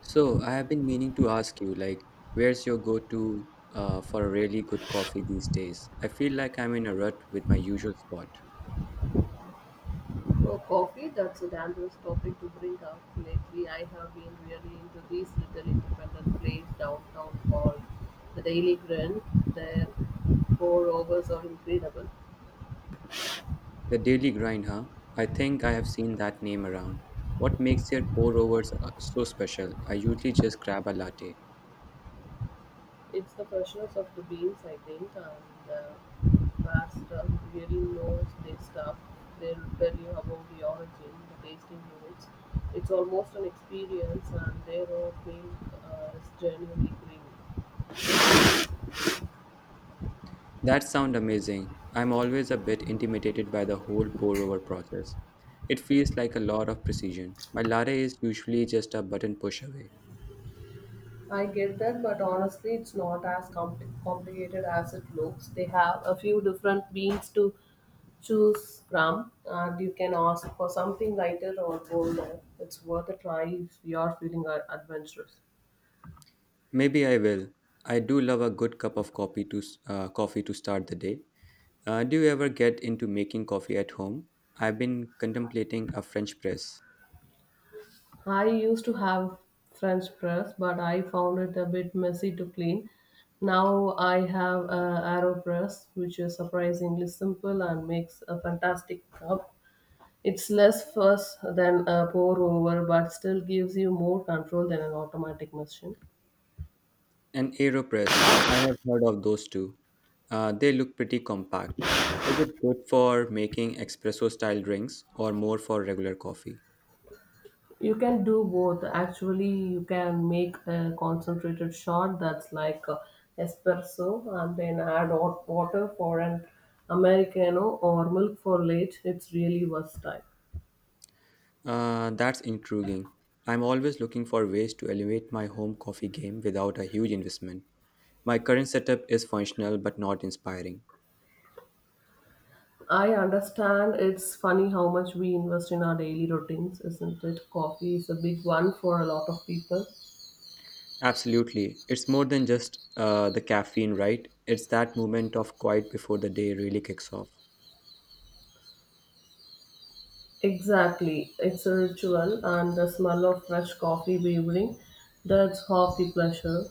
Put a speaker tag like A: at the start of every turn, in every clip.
A: So I have been meaning to ask you, like, where's your go-to for a really good coffee these days? I feel like I'm in a rut with my usual spot.
B: Oh, coffee? That's a dangerous topic to bring up. Lately, I have been really into these little independent place downtown called the Daily Grind. Their pour overs are incredible.
A: The Daily Grind, huh? I think I have seen that name around. What makes their pour-overs so special? I usually just grab a latte.
B: It's the freshness of the beans, I think, and the barista who really knows their stuff. They'll tell you about the origin, the tasting notes. It's almost an experience, and their oat milk is genuinely creamy.
A: That sounds amazing. I'm always a bit intimidated by the whole pour-over process. It feels like a lot of precision. My latte is usually just a button push away.
B: I get that, but honestly, it's not as complicated as it looks. They have a few different beans to choose from, and you can ask for something lighter or bolder. It's worth a try if you are feeling adventurous.
A: Maybe I will. I do love a good cup of coffee to coffee to start the day. Do you ever get into making coffee at home? I've been contemplating a French press,
B: I used to have French press, but I found it a bit messy to clean. Now I have a AeroPress, which is surprisingly simple and makes a fantastic cup. It's less fuss than a pour over, but still gives you more control than an automatic machine.
A: an AeroPress. I have heard of those too. They look pretty compact. Is it good for making espresso style drinks or more for regular coffee?
B: You can do both. Actually, you can make a concentrated shot that's like a espresso and then add hot water for an Americano or milk for late. It's really versatile.
A: That's intriguing. I'm always looking for ways to elevate my home coffee game without a huge investment. My current setup is functional but not inspiring.
B: I understand it's funny how much we invest in our daily routines, isn't it? Coffee is a big one for a lot of people.
A: Absolutely. It's more than just the caffeine, right? It's that moment of quiet before the day really kicks off.
B: Exactly. It's a ritual, and the smell of fresh coffee brewing does half the pleasure.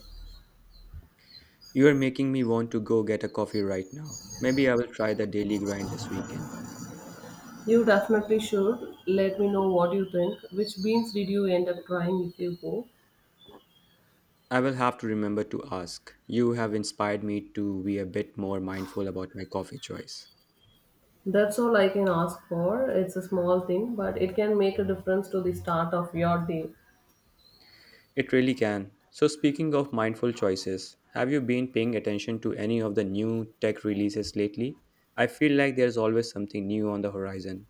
A: You are making me want to go get a coffee right now. Maybe I will try the daily grind this weekend.
B: You definitely should. Let me know what you think. Which beans did you end up trying if you go?
A: I will have to remember to ask. You have inspired me to be a bit more mindful about my coffee choice.
B: That's all I can ask for. It's a small thing, but it can make a difference to the start of your day.
A: It really can. So, speaking of mindful choices, have you been paying attention to any of the new tech releases lately? I feel like there's always something new on the horizon.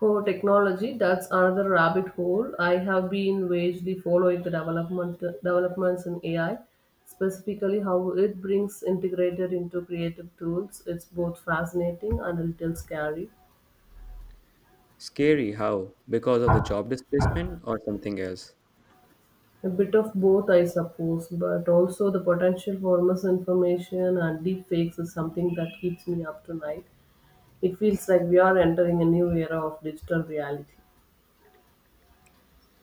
B: For technology, that's another rabbit hole. I have been vagely following the developments in AI, specifically how it brings integrated into creative tools. It's both fascinating and a little scary.
A: Scary how? Because of the job displacement or something else?
B: A bit of both, I suppose, but also the potential for misinformation and deepfakes is something that keeps me up tonight. It feels like we are entering a new era of digital reality.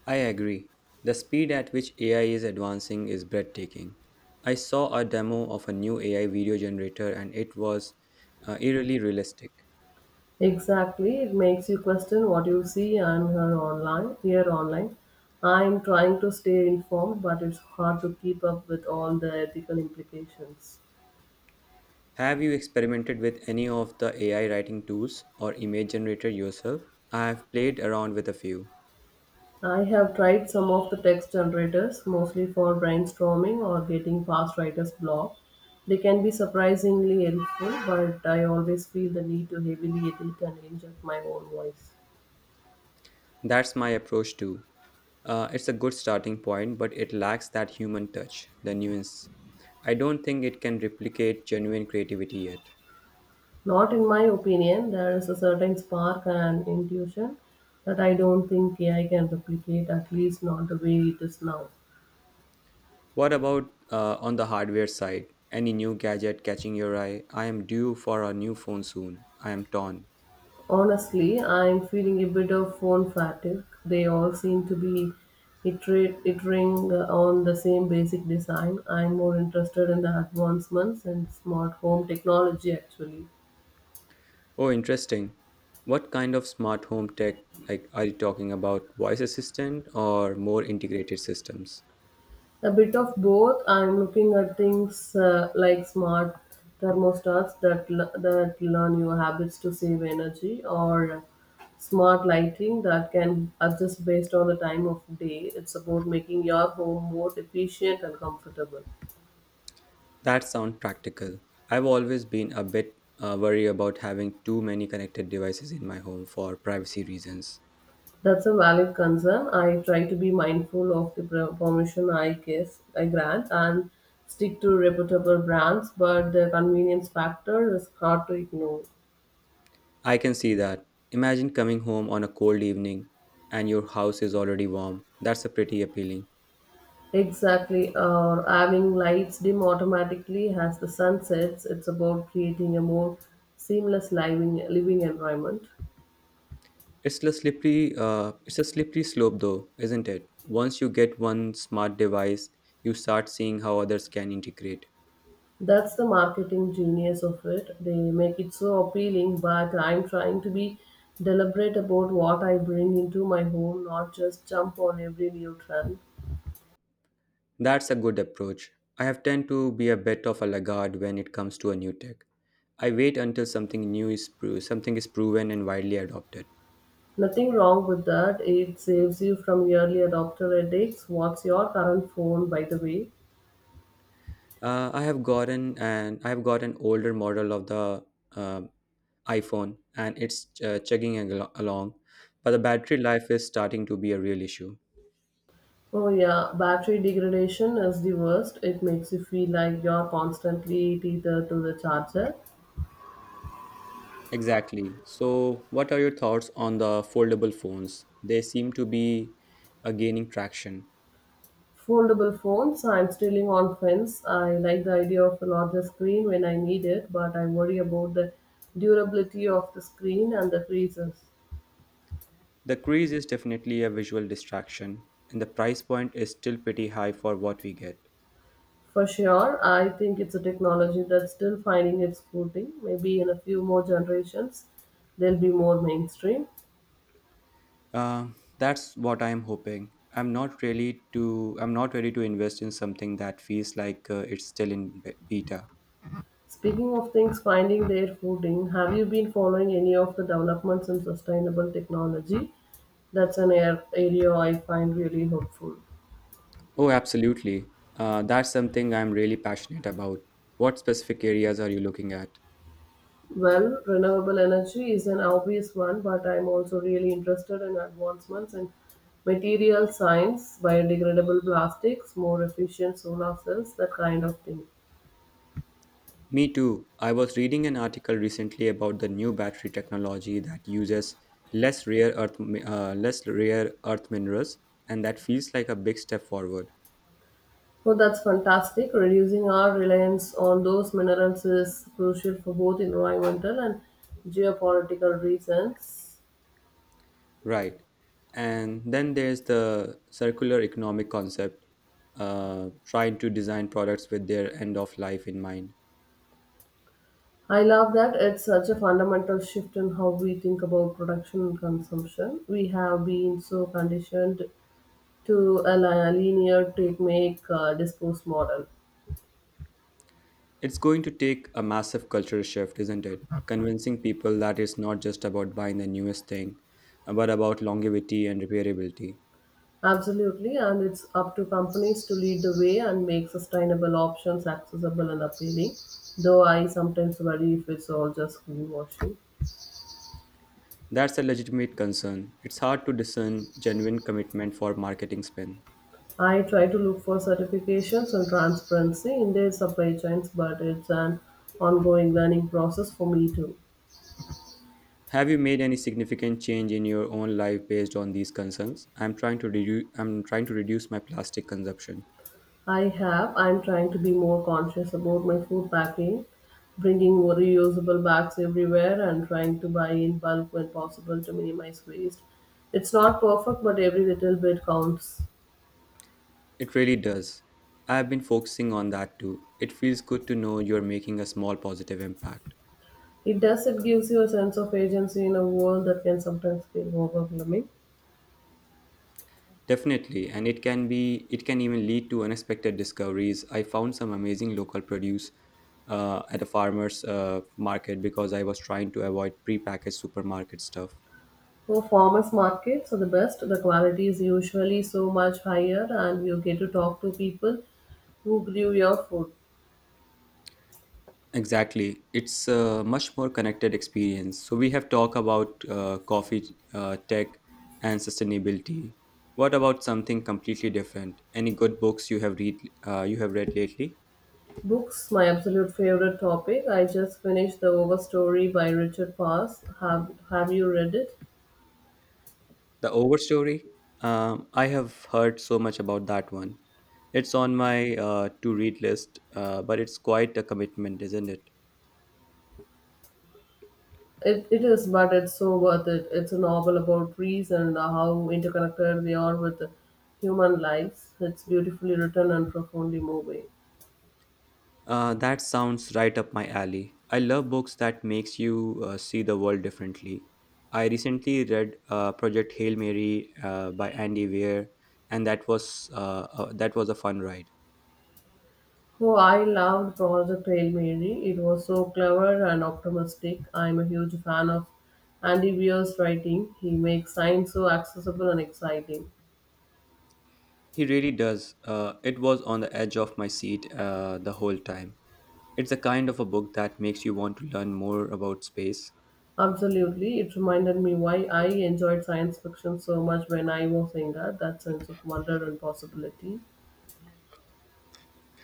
A: I agree. The speed at which AI is advancing is breathtaking. I saw a demo of a new AI video generator and it was eerily realistic.
B: Exactly, it makes you question what you see and hear online. Here online, I'm trying to stay informed, but it's hard to keep up with all the ethical implications.
A: Have you experimented with any of the AI writing tools or image generator yourself? I have played around with a few.
B: I have tried some of the text generators, mostly for brainstorming or getting past writer's block. They can be surprisingly helpful, but I always feel the need to heavily edit and inject my own voice.
A: That's my approach too. It's a good starting point, but it lacks that human touch, the nuance. I don't think it can replicate genuine creativity yet.
B: Not in my opinion. There is a certain spark and intuition that I don't think AI can replicate, at least not the way it is now.
A: What about on the hardware side? Any new gadget catching your eye? I am due for a new phone soon. I am torn.
B: Honestly, I'm feeling a bit of phone fatigue. They all seem to be iterating on the same basic design. I'm more interested in the advancements in smart home technology actually.
A: Oh, interesting. What kind of smart home tech like are you talking about voice assistant or more integrated systems?
B: A bit of both. I'm looking at things like smart thermostats that that learn your habits to save energy, or smart lighting that can adjust based on the time of day. It's about making your home more efficient and comfortable.
A: That sounds practical. I've always been a bit worried about having too many connected devices in my home for privacy reasons.
B: That's a valid concern. I try to be mindful of the permission I guess I grant and stick to reputable brands, but the convenience factor is hard to ignore.
A: I can see that. Imagine coming home on a cold evening and your house is already warm. That's a pretty appealing.
B: Exactly. Or having lights dim automatically as the sun sets. It's about creating a more seamless living environment.
A: It's a slippery slope, though, isn't it? Once you get one smart device, you start seeing how others can integrate.
B: That's the marketing genius of it. They make it so appealing, but I'm trying to be deliberate about what I bring into my home, not just jump on every new trend.
A: That's a good approach. I have tend to be a bit of a laggard when it comes to a new tech. I wait until something new is something is proven and widely adopted.
B: Nothing wrong with that. It saves you from early adopter headaches. What's your current phone, by the way?
A: I have got an older model of the uh, iPhone, and it's chugging along, but the battery life is starting to be a real issue.
B: Oh yeah, battery degradation is the worst. It makes you feel like you're constantly tethered to the charger.
A: Exactly. So, what are your thoughts on the foldable phones? They seem to be gaining traction.
B: Foldable phones, I'm still on fence. I like the idea of a larger screen when I need it, but I worry about the durability of the screen and the freezers.
A: The crease is definitely a visual distraction, and the price point is still pretty high for what we get.
B: For sure, I think it's a technology that's still finding its footing. Maybe in a few more generations, they'll be more mainstream.
A: Uh, that's what I'm hoping. I'm not really to. I'm not ready to invest in something that feels like it's still in beta.
B: Speaking of things finding their footing, have you been following any of the developments in sustainable technology? That's an area I find really hopeful.
A: Oh, absolutely. That's something I'm really passionate about. What specific areas are you looking at?
B: Well, renewable energy is an obvious one, but I'm also really interested in advancements in material science, biodegradable plastics, more efficient solar cells, that kind of thing.
A: Me too. I was reading an article recently about the new battery technology that uses less rare earth minerals and that feels like a big step forward.
B: Oh, that's fantastic. Reducing our reliance on those minerals is crucial for both environmental and geopolitical reasons.
A: Right. And then there's the circular economic concept trying to design products with their end of life in mind.
B: I love that. It's such a fundamental shift in how we think about production and consumption. We have been so conditioned to a linear take, make, dispose model.
A: It's going to take a massive cultural shift, isn't it? Convincing people that it's not just about buying the newest thing, but about longevity and repairability.
B: Absolutely, and it's up to companies to lead the way and make sustainable options accessible and appealing. Though I sometimes worry if it's all just greenwashing.
A: That's a legitimate concern. It's hard to discern genuine commitment for marketing spin.
B: I try to look for certifications and transparency in their supply chains, but it's an ongoing learning process for me too.
A: Have you made any significant change in your own life based on these concerns? I'm trying to reduce my plastic consumption.
B: I have. I'm trying to be more conscious about my food packing, bringing reusable bags everywhere, and trying to buy in bulk when possible to minimize waste. It's not perfect, but every little bit counts.
A: It really does. I've been focusing on that too. It feels good to know you're making a small positive impact.
B: It does, it gives you a sense of agency in a world that can sometimes feel overwhelming.
A: Definitely, and it can even lead to unexpected discoveries. I found some amazing local produce at a farmer's market because I was trying to avoid prepackaged supermarket stuff.
B: For farmers markets are the best. The quality is usually so much higher, and you get to talk to people who grew your food.
A: Exactly. It's a much more connected experience. So we have talked about coffee, tech, and sustainability. What about something completely different? Any good books you have read lately?
B: Books, my absolute favorite topic. I just finished The Overstory by Richard Pass. Have you read it?
A: The Overstory. I have heard so much about that one. It's on my to read list, but it's quite a commitment, isn't it?
B: It is, but it's so worth it. It's a novel about trees and how interconnected they are with human lives. It's beautifully written and profoundly moving.
A: That sounds right up my alley. I love books that makes you see the world differently. I recently read Project Hail Mary by Andy Weir, and that was a fun ride.
B: Oh, I loved Project Hail Mary. It was so clever and optimistic. I'm a huge fan of Andy Weir's writing. He makes science so accessible and exciting.
A: He really does. It was on the edge of my seat the whole time. It's the kind of a book that makes you want to learn more about space.
B: Absolutely. It reminded me why I enjoyed science fiction so much when I was younger that sense of wonder and possibility.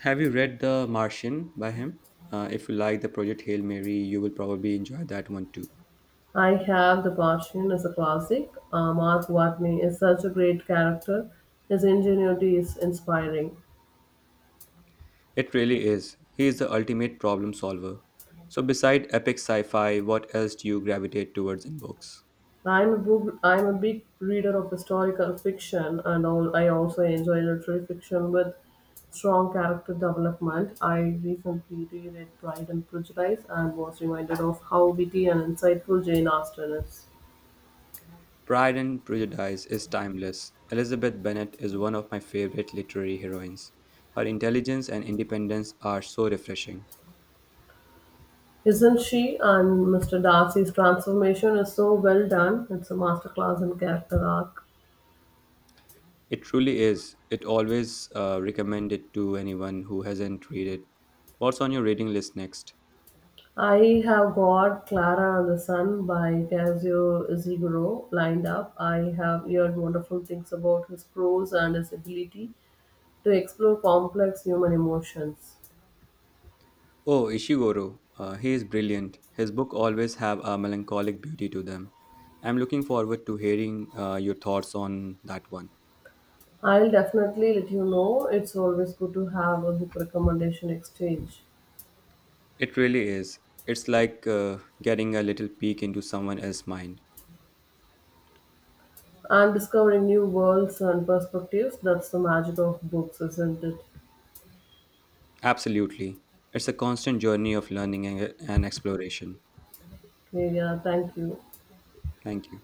A: Have you read The Martian by him? If you like the Project Hail Mary, you will probably enjoy that one too.
B: I have The Martian as a classic. Mark Watney is such a great character. His ingenuity is inspiring.
A: It really is. He is the ultimate problem solver. So, beside epic sci fi, what else do you gravitate towards in books?
B: I'm a big reader of historical fiction and all, I also enjoy literary fiction with strong character development. I recently reread Pride and Prejudice and was reminded of how witty and insightful Jane Austen is.
A: Pride and Prejudice is timeless. Elizabeth Bennet is one of my favorite literary heroines. Her intelligence and independence are so refreshing.
B: Isn't she? And Mr. Darcy's transformation is so well done. It's a masterclass in character arc.
A: It truly is. It always recommended to anyone who hasn't read it. What's on your reading list next?
B: I have got Clara and the Sun by Kazuo Ishiguro lined up. I have heard wonderful things about his prose and his ability to explore complex human emotions.
A: Oh, Ishiguro, he is brilliant. His book always have a melancholic beauty to them. I'm looking forward to hearing your thoughts on that one.
B: I'll definitely let you know. It's always good to have a book recommendation exchange.
A: It really is. It's like getting a little peek into someone else's mind.
B: And discovering new worlds and perspectives, that's the magic of books, isn't it?
A: Absolutely. It's a constant journey of learning and exploration.
B: Yeah, thank you.
A: Thank you.